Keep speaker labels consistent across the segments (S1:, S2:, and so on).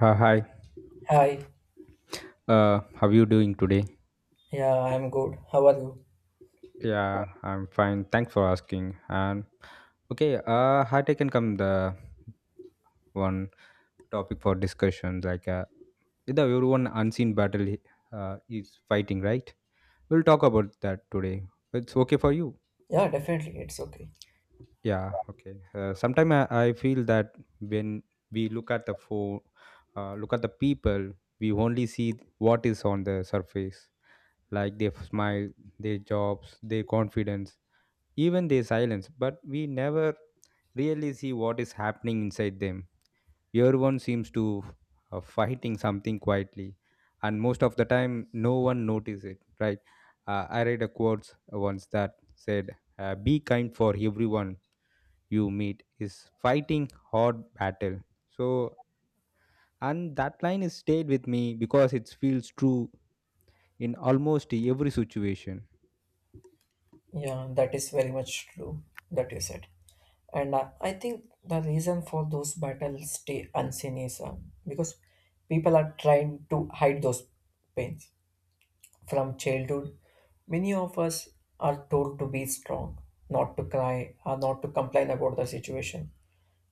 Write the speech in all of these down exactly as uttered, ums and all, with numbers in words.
S1: Uh, hi,
S2: Hi,
S1: uh, how you doing today?
S2: yeah, I'm good. How are you?
S1: Yeah, I'm fine. Thanks for asking. And okay, uh, I taken come the one topic for discussion. Like uh, the one unseen battle uh, is fighting, right? We'll talk about that today. It's okay for you.
S2: Yeah, definitely, it's okay.
S1: Yeah, okay. Uh, Sometimes I, I feel that when we look at the phone, uh, look at the people, we only see what is on the surface, like their smile, their jobs, their confidence, even their silence. But we never really see what is happening inside them. Everyone seems to uh, fighting something quietly, and most of the time, no one notices it. Right? Uh, I read a quote once that said, uh, "Be kind for everyone." You meet is fighting hard battle. So, and that line is stayed with me because it feels true in almost every situation.
S2: Yeah, that is very much true that you said. And uh, I think the reason for those battles stay unseen is uh, because people are trying to hide those pains. From childhood, many of us are told to be strong, not to cry, or not to complain about the situation,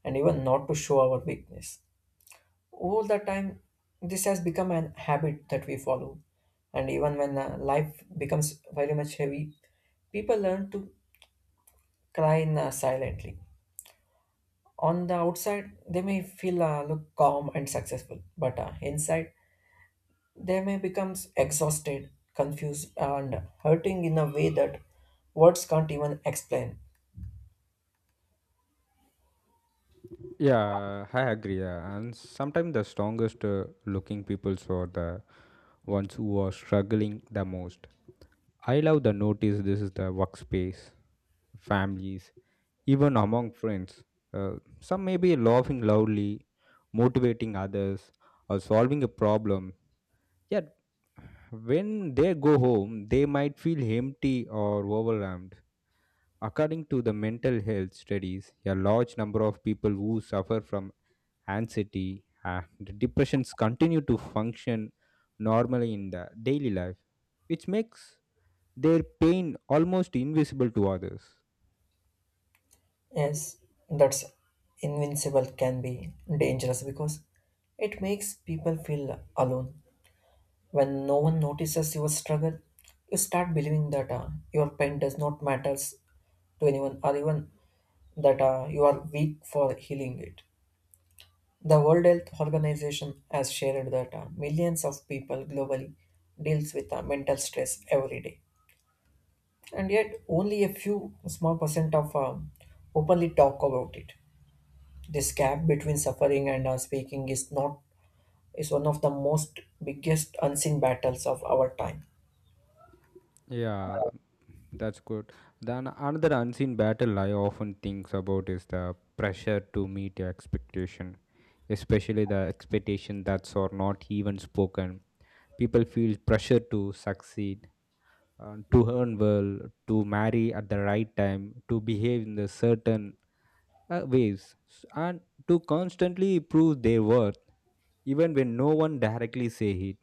S2: and even not to show our weakness. All the time, this has become an habit that we follow. And even when uh, life becomes very much heavy, people learn to cry in, uh, silently. On the outside, they may feel uh, look calm and successful, but uh, inside, they may become exhausted, confused, and hurting in a way that words can't even explain.
S1: Yeah, I agree. Yeah. And sometimes the strongest uh, looking peoples are the ones who are struggling the most. I love the notice this is the workspace, families, even among friends. Uh, some may be laughing loudly, motivating others, or solving a problem. Yeah, when they go home, they might feel empty or overwhelmed. According to the mental health studies, a large number of people who suffer from anxiety and depressions continue to function normally in the daily life, which makes their pain almost invisible to others.
S2: Yes, that's invincible can be dangerous because it makes people feel alone. When no one notices your struggle, you start believing that uh, your pain does not matters to anyone or even that uh, you are weak for healing it. The World Health Organization has shared that uh, millions of people globally deals with uh, mental stress every day, and yet only a few small percent of uh, openly talk about it. This gap between suffering and uh, speaking is not is one of the most biggest unseen battles of our time.
S1: Yeah, that's good. Then another unseen battle I often think about is the pressure to meet your expectation, especially the expectation that's or not even spoken. People feel pressure to succeed, uh, to earn well, to marry at the right time, to behave in the certain uh, ways, and to constantly prove their worth, even when no one directly say it.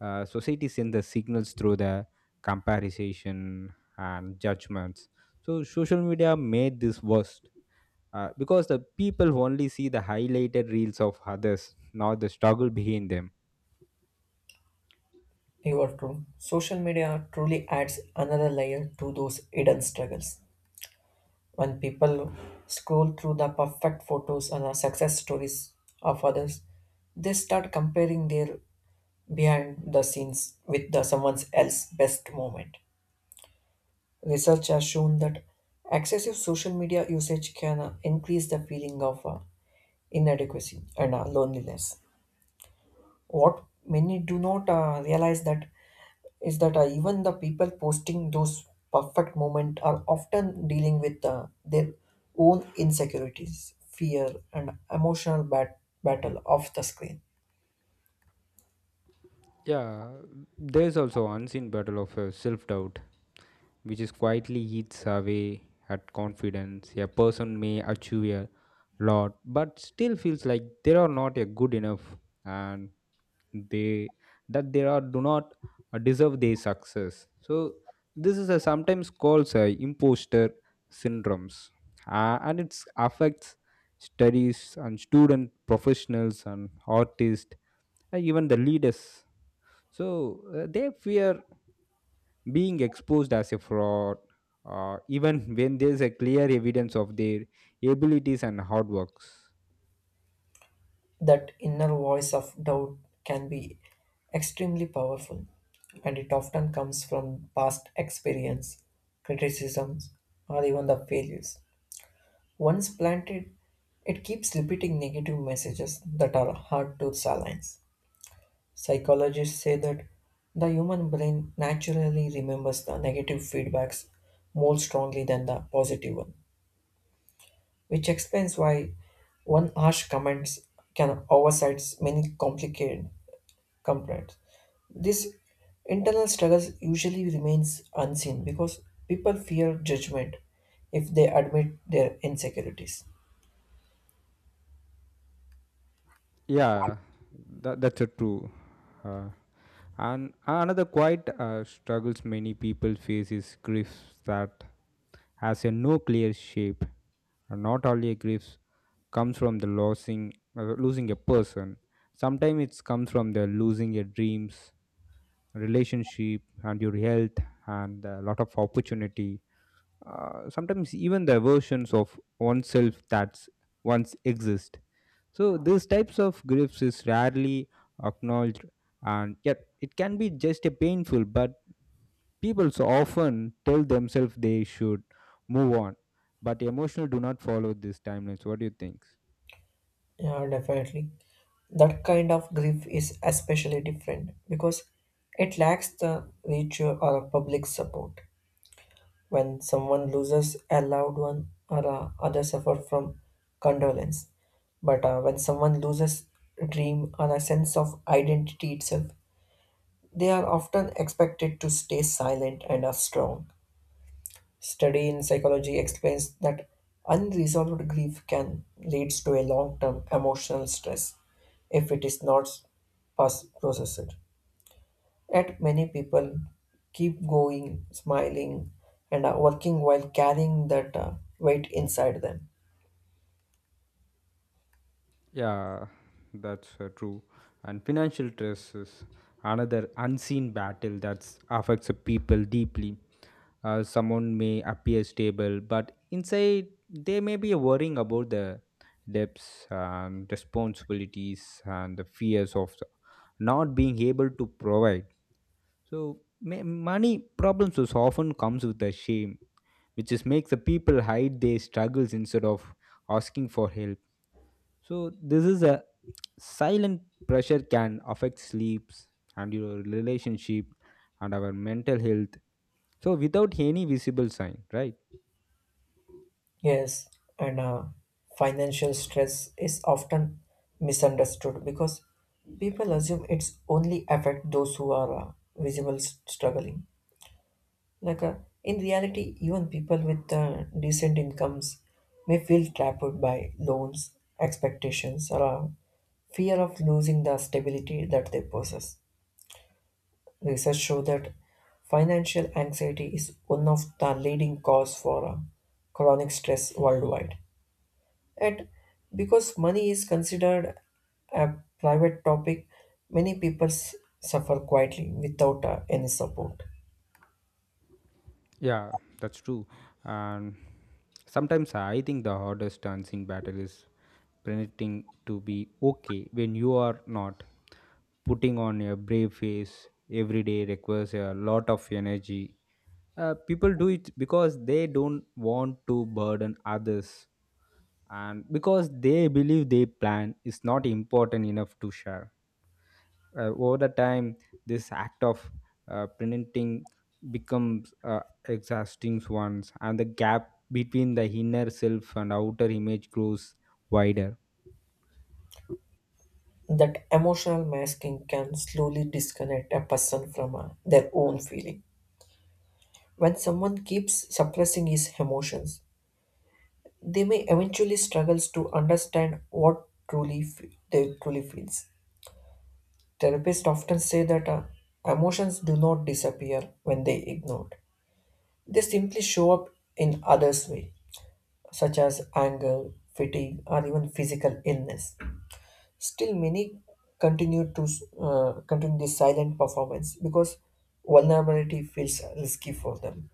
S1: Uh, society sends the signals through the comparison and judgments. So social media made this worst uh, because the people only see the highlighted reels of others, not the struggle behind them.
S2: You are true. Social media truly adds another layer to those hidden struggles. When people scroll through the perfect photos and the success stories of others, they start comparing their behind the scenes with the someone else's best moment. Research has shown that excessive social media usage can uh, increase the feeling of uh, inadequacy and uh, loneliness. What many do not uh, realize that is that uh, even the people posting those perfect moments are often dealing with uh, their own insecurities fear and emotional bat- battle off the screen.
S1: Yeah, there's also unseen battle of uh, self doubt, which is quietly eats away at confidence. A person may achieve a lot, but still feels like they are not a good enough, and they that they are do not uh, deserve their success. So this is a sometimes called uh, imposter syndromes, uh, and it affects studies and student professionals and artists and even the leaders. So uh, they fear being exposed as a fraud, uh, even when there's a clear evidence of their abilities and hard works.
S2: That inner voice of doubt can be extremely powerful, and it often comes from past experience, criticisms, or even the failures. Once planted, it keeps repeating negative messages that are hard to silence. Psychologists say that the human brain naturally remembers the negative feedbacks more strongly than the positive one, which explains why one harsh comment can oversight many complicated complaints. This internal struggle usually remains unseen because people fear judgment if they admit their insecurities.
S1: Yeah, that, that's a true. Uh, and another quite uh, struggles many people face is griefs that has a no clear shape. And not only a grief comes from the losing uh, losing a person. Sometimes it comes from the losing your dreams, relationship, and your health, and a lot of opportunity. Uh, sometimes even the versions of oneself that once exist. So these types of griefs is rarely acknowledged, and yet it can be just a painful. But people so often tell themselves they should move on, but emotional do not follow these timelines. What do you think?
S2: Yeah, definitely. That kind of grief is especially different because it lacks the ritual or public support. When someone loses a loved one or uh, other suffer from condolence, but uh, when someone loses a dream or a sense of identity itself, they are often expected to stay silent and are strong. Study in psychology explains that unresolved grief can leads to a long-term emotional stress if it is not pas- processed. Yet many people keep going, smiling, and uh, working while carrying that uh, weight inside them.
S1: Yeah, that's uh, true. And financial stress is another unseen battle that affects the people deeply. Uh, someone may appear stable, but inside they may be worrying about the debts and responsibilities and the fears of the- not being able to provide. So ma- money problems is often comes with the shame, which is makes the people hide their struggles instead of asking for help. So this is a silent pressure can affect sleeps and your relationship and our mental health. So without any visible sign, right?
S2: Yes, and uh, financial stress is often misunderstood because people assume it's only affect those who are uh, visible s- struggling. Like, uh, in reality, even people with uh, decent incomes may feel trapped by loans, expectations, or uh, fear of losing the stability that they possess. Research shows that financial anxiety is one of the leading cause for uh, chronic stress worldwide. And because money is considered a private topic, many people s- suffer quietly without uh, any support.
S1: Yeah, that's true. And sometimes I think the hardest dancing battle is pretending to be okay when you are not. Putting on a brave face every day requires a lot of energy. Uh, people do it because they don't want to burden others and because they believe their plan is not important enough to share. Uh, over the time this act of uh, printing becomes uh, exhausting ones, and the gap between the inner self and outer image grows wider.
S2: That emotional masking can slowly disconnect a person from uh, their own feeling. When someone keeps suppressing his emotions, they may eventually struggles to understand what truly fe- they truly feels. Therapists often say that uh, emotions do not disappear when they ignored. They simply show up in others way, such as anger, fatigue, or even physical illness. Still, many continue to uh, continue this silent performance because vulnerability feels risky for them.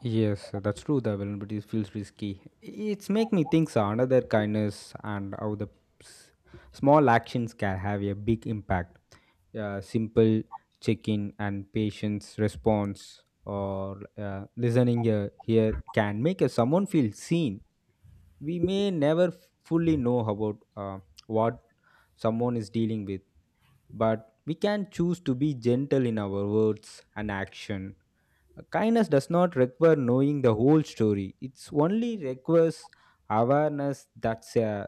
S1: Yes, that's true. The vulnerability feels risky. It's make me think so, another kindness and how the s- small actions can have a big impact. Uh, simple check-in and patience response or uh, listening uh, here can make uh, someone feel seen. We may never fully know about uh, what someone is dealing with, but we can choose to be gentle in our words and action. Kindness does not require knowing the whole story. It's only requires awareness that a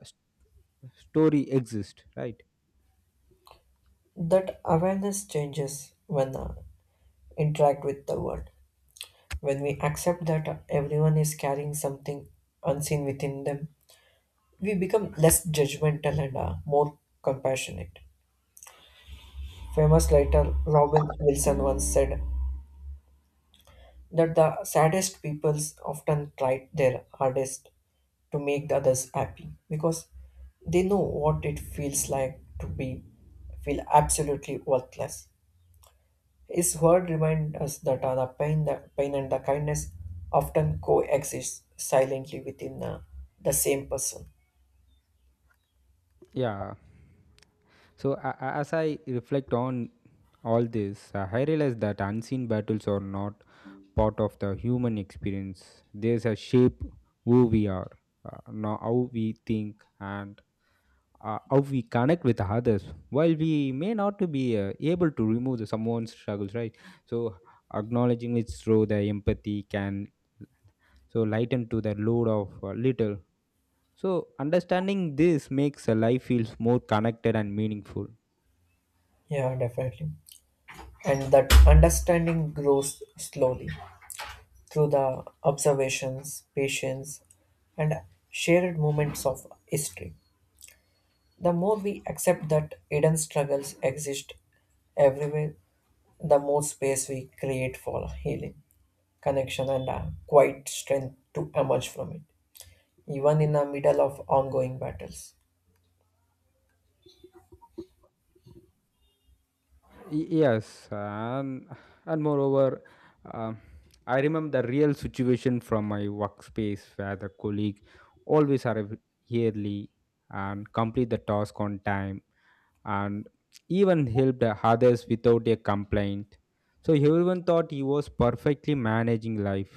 S1: story exists, right?
S2: That awareness changes when uh, interact with the world. When we accept that everyone is carrying something unseen within them, we become less judgmental and uh, more compassionate. Famous writer Robin Wilson once said that the saddest peoples often tried their hardest to make the others happy because they know what it feels like to be feel absolutely worthless. His word reminds us that uh, the pain, the pain and the kindness often coexist silently within uh, the same person.
S1: Yeah. So a a- as I reflect on all this, uh, I realize that unseen battles are not part of the human experience. There's a shape who we are, uh, now how we think, and uh, how we connect with others. While we may not to be uh, able to remove the someone's struggles, right? So acknowledging it through the empathy can so lighten to the load of uh, little. So understanding this makes a life feels more connected and meaningful.
S2: Yeah, definitely. And that understanding grows slowly through the observations, patience, and shared moments of history. The more we accept that hidden struggles exist everywhere, the more space we create for healing, connection, and a quiet strength to emerge from it, even in the middle of ongoing battles.
S1: Y- yes, and and moreover, um, I remember the real situation from my workspace where the colleague always arrive early and complete the task on time and even helped others without a complaint. So everyone thought he was perfectly managing life,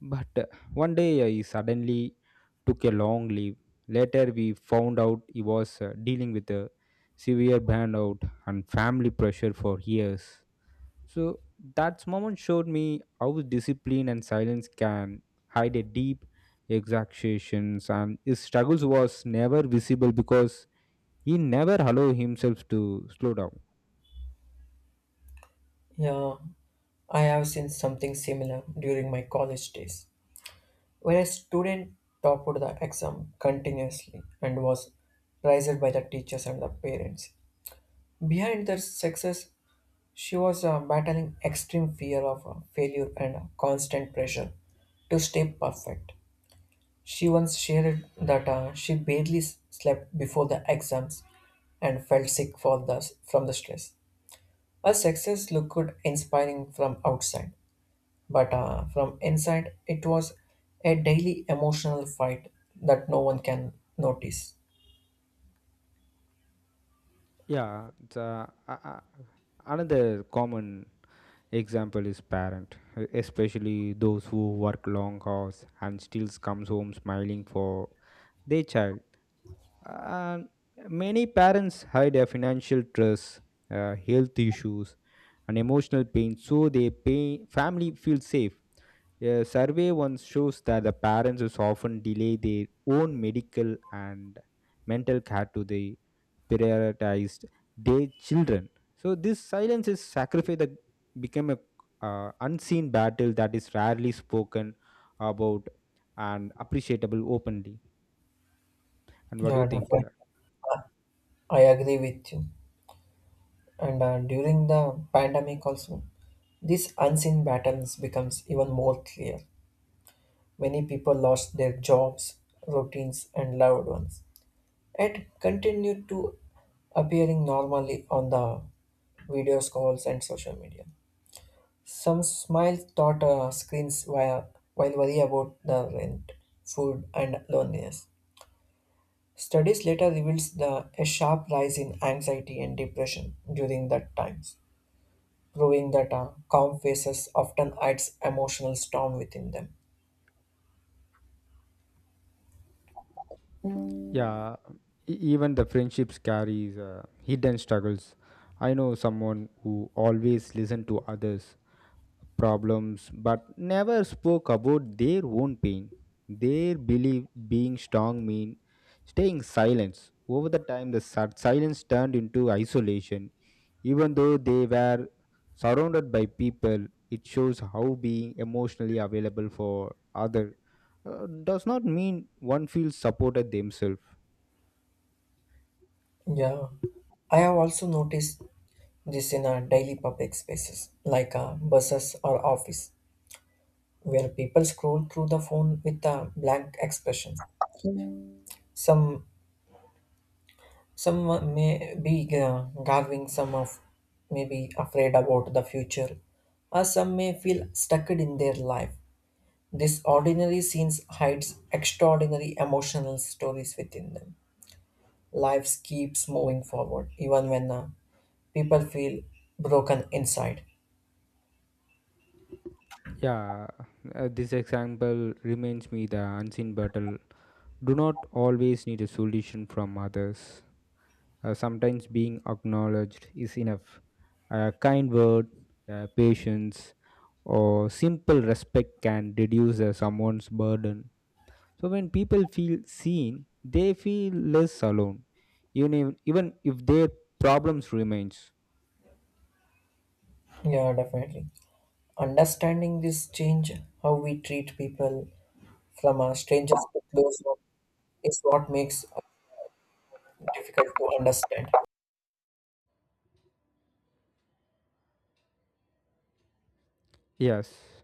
S1: but uh, one day I suddenly took a long leave. Later, we found out he was uh, dealing with a severe burnout and family pressure for years. So, that moment showed me how discipline and silence can hide a deep exaggerations, and his struggles was never visible because he never allowed himself to slow down.
S2: Yeah, I have seen something similar during my college days, where a student topped the exam continuously and was praised by the teachers and the parents. Behind their success, she was uh, battling extreme fear of uh, failure and a constant pressure to stay perfect. She once shared that uh, she barely s- slept before the exams and felt sick for the, from the stress. Her success looked inspiring from outside, but uh, from inside, it was a daily emotional fight that no one can notice.
S1: Yeah, it's, uh, a- a- another common example is parent, especially those who work long hours and still comes home smiling for their child. And many parents hide their financial stress, uh, health issues, and emotional pain so their pay- family feels safe. A survey once shows that the parents is often delay their own medical and mental care to the prioritized their children. So this silence is sacrifice that become a uh, unseen battle that is rarely spoken about and appreciable openly. And what do
S2: Yeah,
S1: you think?
S2: definitely.
S1: Yeah.
S2: I agree with you. And uh, during the pandemic, also, these unseen patterns becomes even more clear. Many people lost their jobs, routines, and loved ones. It continued to appearing normally on the video calls and social media. Some smile thought uh, screens while, while worry about the rent, food, and loneliness. Studies later reveals the, a sharp rise in anxiety and depression during that times, proving that uh, calm faces often hides emotional storm within them.
S1: Yeah, e- even the friendships carries uh, hidden struggles. I know someone who always listened to others' problems but never spoke about their own pain. They believe being strong mean staying silent. Over the time, the si- silence turned into isolation. Even though they were surrounded by people, it shows how being emotionally available for other uh, does not mean one feels supported themselves.
S2: Yeah. I have also noticed this in our daily public spaces, like uh, buses or office, where people scroll through the phone with a blank expression. Some some may be uh, gargling, some of may be afraid about the future, or some may feel stuck in their life. This ordinary scenes hides extraordinary emotional stories within them. Life keeps moving forward, even when uh, people feel broken inside.
S1: Yeah, uh, this example reminds me the unseen battle. Do not always need a solution from others. Uh, sometimes being acknowledged is enough. A kind word, uh, patience, or simple respect can reduce uh, someone's burden. So when people feel seen, they feel less alone, even if, even if their problems remains.
S2: Yeah, definitely. Understanding this change, how we treat people from a stranger to close is what makes it difficult to understand.
S1: Yes,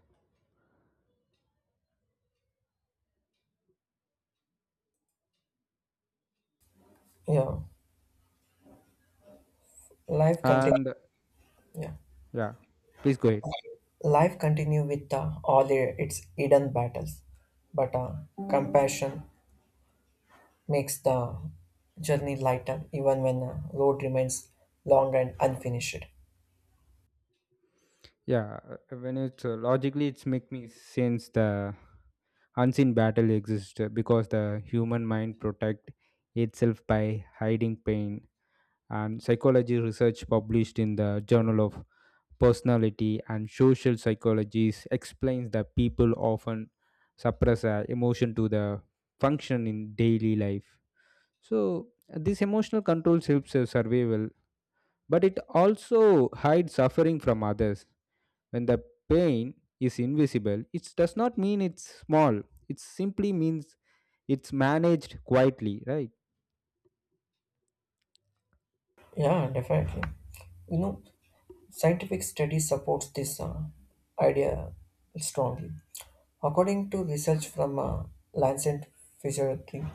S2: Yeah, life continue.
S1: and
S2: Yeah,
S1: yeah, please go ahead.
S2: life continue with uh, all i- its hidden battles, but uh, compassion makes the journey lighter, even when the road remains long and unfinished.
S1: Yeah, uh, when it's uh, logically, it's make me sense the unseen battle exists uh, because the human mind protect itself by hiding pain. And psychology research published in the Journal of Personality and Social Psychologies explains that people often suppress uh, emotion to the function in daily life. So this emotional control helps uh, survival, but it also hides suffering from others. When the pain is invisible, it does not mean it's small. It simply means it's managed quietly, right?
S2: Yeah, definitely. You know, scientific study supports this uh, idea strongly. According to research from uh, Lancet Physiotherapy,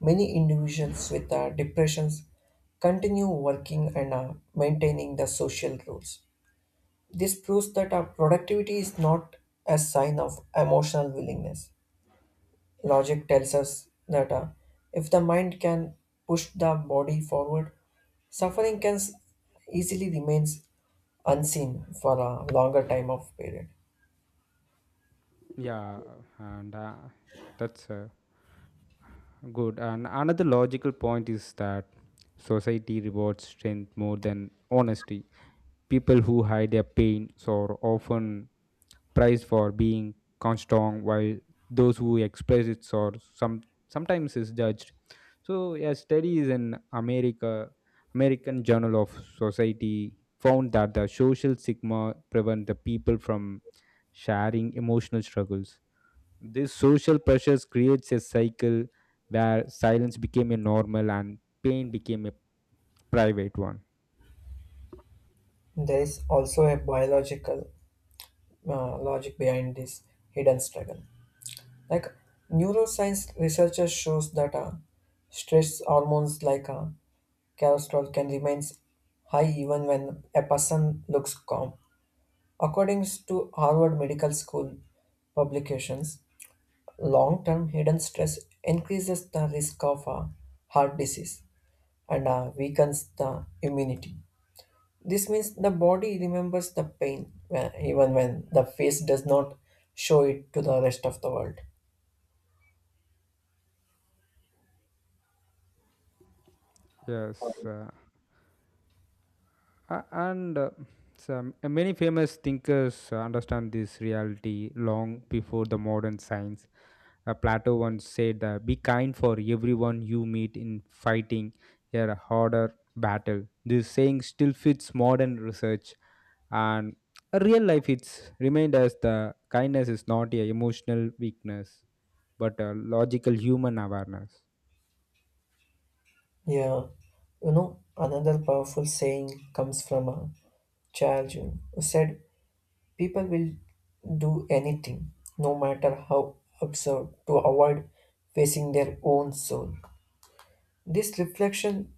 S2: many individuals with uh, depressions continue working and uh, maintaining the social roles. This proves that our productivity is not a sign of emotional willingness. Logic tells us that uh, if the mind can push the body forward, suffering can s- easily remains unseen for a longer time of period.
S1: Yeah, and uh, that's uh, Good. And another logical point is that society rewards strength more than honesty. People who hide their pain are often prized for being strong, while those who express it are some sometimes is judged. So, yeah, studies in America, American Journal of Society found that the social stigma prevent the people from sharing emotional struggles. These social pressures creates a cycle where silence became a normal and pain became a private one.
S2: There is also a biological uh, logic behind this hidden struggle. Like neuroscience researchers shows that uh, stress hormones like uh, cortisol can remain high even when a person looks calm. According to Harvard Medical School publications, long-term hidden stress increases the risk of uh, heart disease and uh, weakens the immunity. This means the body remembers the pain when, even when the face does not show it to the rest of the world.
S1: Yes, uh, Uh, and uh, some uh, many famous thinkers uh, understand this reality long before the modern science. Uh, Plato once said that be kind for everyone you meet in fighting a harder battle. This saying still fits modern research and uh, real life. It's remind us the kindness is not a emotional weakness but a logical human awareness.
S2: Yeah, you know, another powerful saying comes from a child Jung, who said, "People will do anything, no matter how absurd, to avoid facing their own soul." This reflection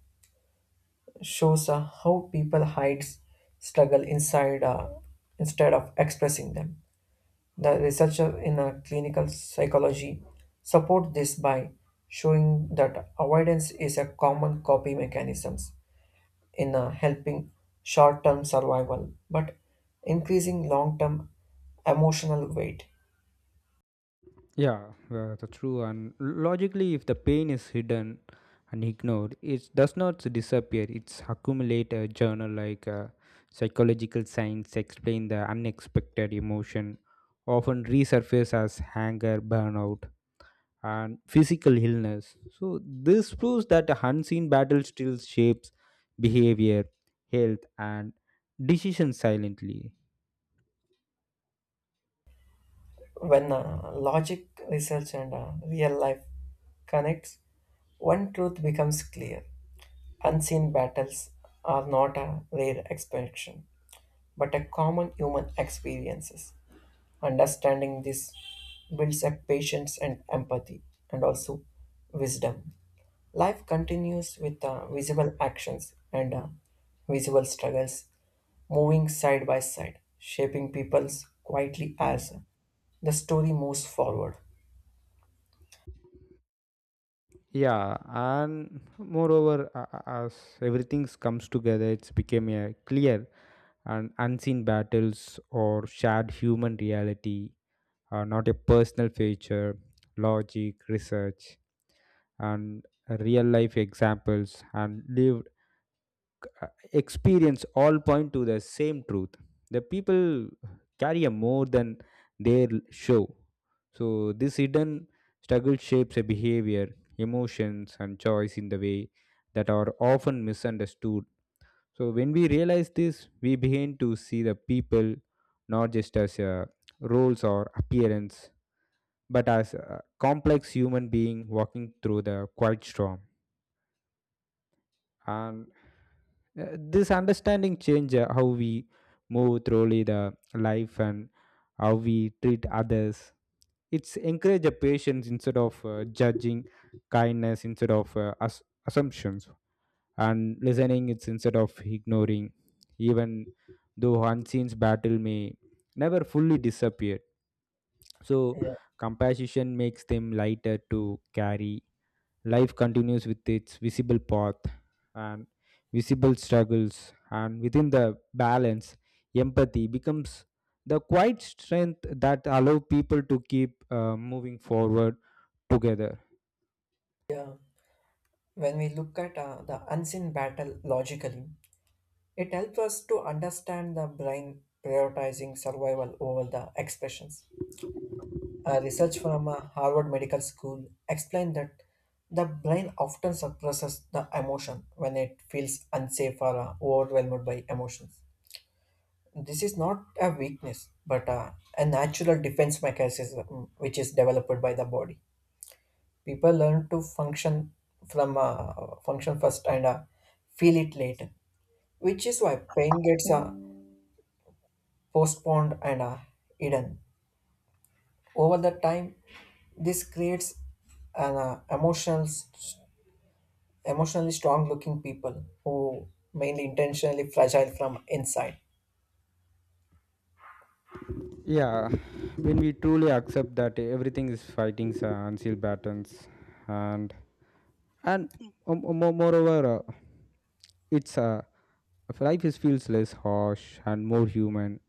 S2: shows uh, how people hide struggle inside uh, instead of expressing them. The researcher in uh, clinical psychology support this by showing that avoidance is a common coping mechanism in uh, helping short-term survival but increasing long-term emotional weight.
S1: Yeah, uh, that's true. And logically, if the pain is hidden and ignored, it does not disappear. It's accumulate a journal like uh, psychological science explain the unexpected emotion often resurface as anger, burnout, and physical illness. So this proves that the unseen battle still shapes behavior, health, and decision silently.
S2: When uh, logic, research, and uh, real life connects, one truth becomes clear. Unseen battles are not a rare expression, but a common human experiences. Understanding this builds up patience and empathy and also wisdom. Life continues with uh, visible actions and uh, visible struggles, moving side by side, shaping people's quietly as the story moves forward.
S1: Yeah, and moreover, a- a- as everything comes together, it's became a clear and unseen battles or shared human reality, uh, not a personal feature. Logic, research, and real life examples and lived uh, experience all point to the same truth. The people carry a more than their show. So this hidden struggle shapes a behavior, emotions, and choice in the way that are often misunderstood. So when we realize this, we begin to see the people not just as uh, roles or appearance, but as a complex human being walking through the quiet storm. And Uh, this understanding change uh, how we move through the life and how we treat others. It's encourage a patience instead of uh, judging, kindness instead of uh, as- assumptions, and listening it's instead of ignoring. Even though unseen battle may never fully disappear, so
S2: Yeah.
S1: compassion makes them lighter to carry. Life continues with its visible path and visible struggles, and within the balance, empathy becomes the quiet strength that allow people to keep uh, moving forward together.
S2: Yeah. When we look at uh, the unseen battle logically, it helps us to understand the brain prioritizing survival over the expressions. A research from uh, Harvard Medical School explained that the brain often suppresses the emotion when it feels unsafe or uh, overwhelmed by emotions. This is not a weakness, but uh, a natural defense mechanism mm, which is developed by the body. People learn to function from uh, function first and uh, feel it later, which is why pain gets uh, postponed and uh, hidden over the time. This creates an uh, emotional emotionally strong looking people who mainly intentionally fragile from inside.
S1: Yeah, when we truly accept that everything is fighting uh, until battles, and and um, um, mo- moreover uh, it's uh, if life is feels less harsh and more human,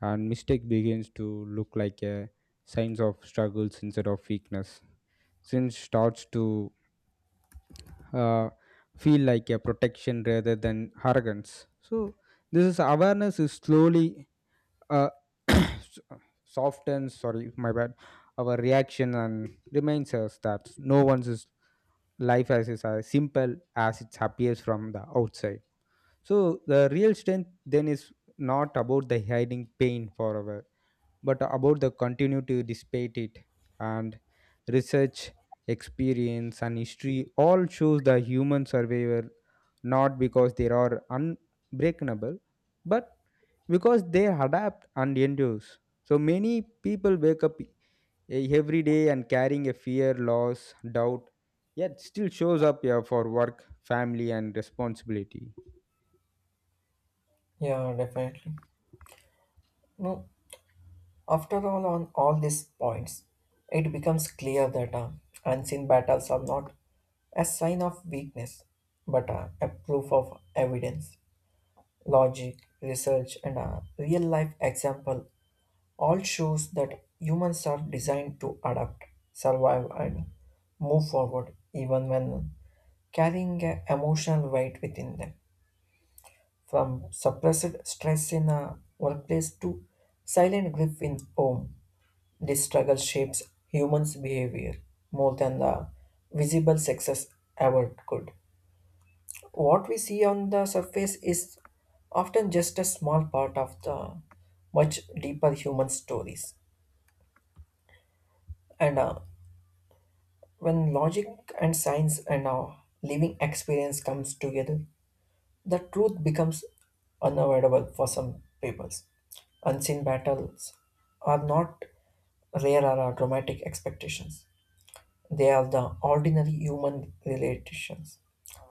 S1: and mistake begins to look like a signs of struggles instead of weakness. Since starts to uh, feel like a protection rather than arrogance, so this is awareness is slowly uh, softens, sorry my bad, our reaction and reminds us that no one's is- life as is as simple as it appears from the outside. So the real strength then is not about the hiding pain forever but about the continue to despite it. And research experience and history all shows the human survivor, not because they are unbreakable but because they adapt and endure. So many people wake up e- every day and carrying a fear loss doubt, yet still shows up here for work family and responsibility.
S2: Yeah, definitely. No, after all on all these points, it becomes clear that uh, unseen battles are not a sign of weakness, but uh, a proof of evidence. Logic, research, and a real life example all shows that humans are designed to adapt, survive, and move forward even when carrying a emotional weight within them. From suppressed stress in a workplace to silent grief in home, this struggle shapes humans' behavior more than the visible success ever could. What we see on the surface is often just a small part of the much deeper human stories. And uh, when logic and science and our living experience comes together, the truth becomes unavoidable for some peoples. Unseen battles are not rare or are dramatic expectations. They are the ordinary human relations.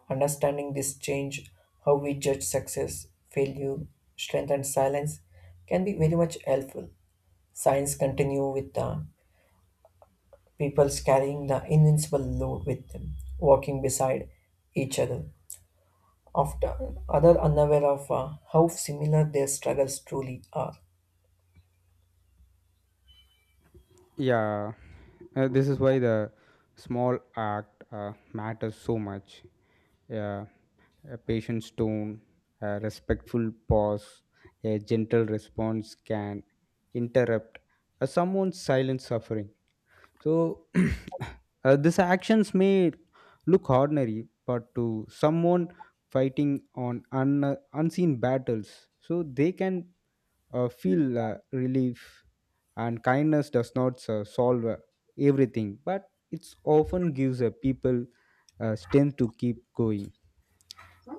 S2: Understanding this change, how we judge success, failure, strength and silence can be very much helpful. Science continue with the peoples carrying the invincible load with them, walking beside each other after other unaware of uh, how similar their struggles truly are.
S1: Yeah, uh, this is why the small act uh, matters so much. Yeah, a patient tone, a respectful pause, a gentle response can interrupt uh, someone's silent suffering. So, uh, these actions may look ordinary, but to someone fighting on un- unseen battles, so they can uh, feel uh, relief, and kindness does not uh, solve uh, everything, but it's often gives uh, people uh, strength to keep going.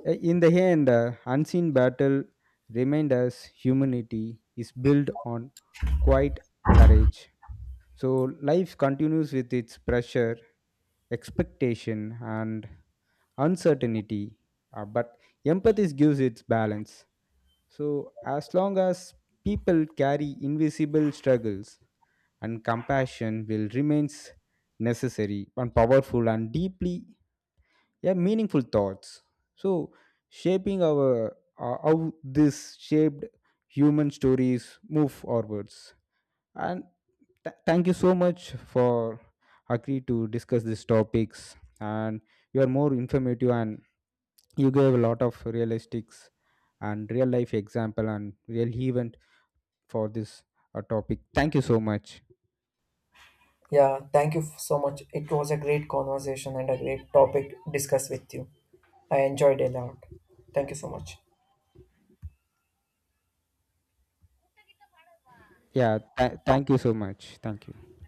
S1: Uh, in the end uh, unseen battle remind us humanity is built on quiet courage. So life continues with its pressure expectation and uncertainty uh, but empathy gives its balance. So, as long as people carry invisible struggles, and compassion will remains necessary and powerful and deeply, yeah, meaningful thoughts. So, shaping our uh, how this shaped human stories move forwards. And th- thank you so much for agree to discuss these topics. And you are more informative and you gave a lot of realistics and real life example and real event for this uh, topic. Thank you so much.
S2: Yeah, thank you f- so much. It was a great conversation and a great topic discussed with you. I enjoyed a lot. Thank you so much.
S1: Yeah, th- thank you so much, thank you.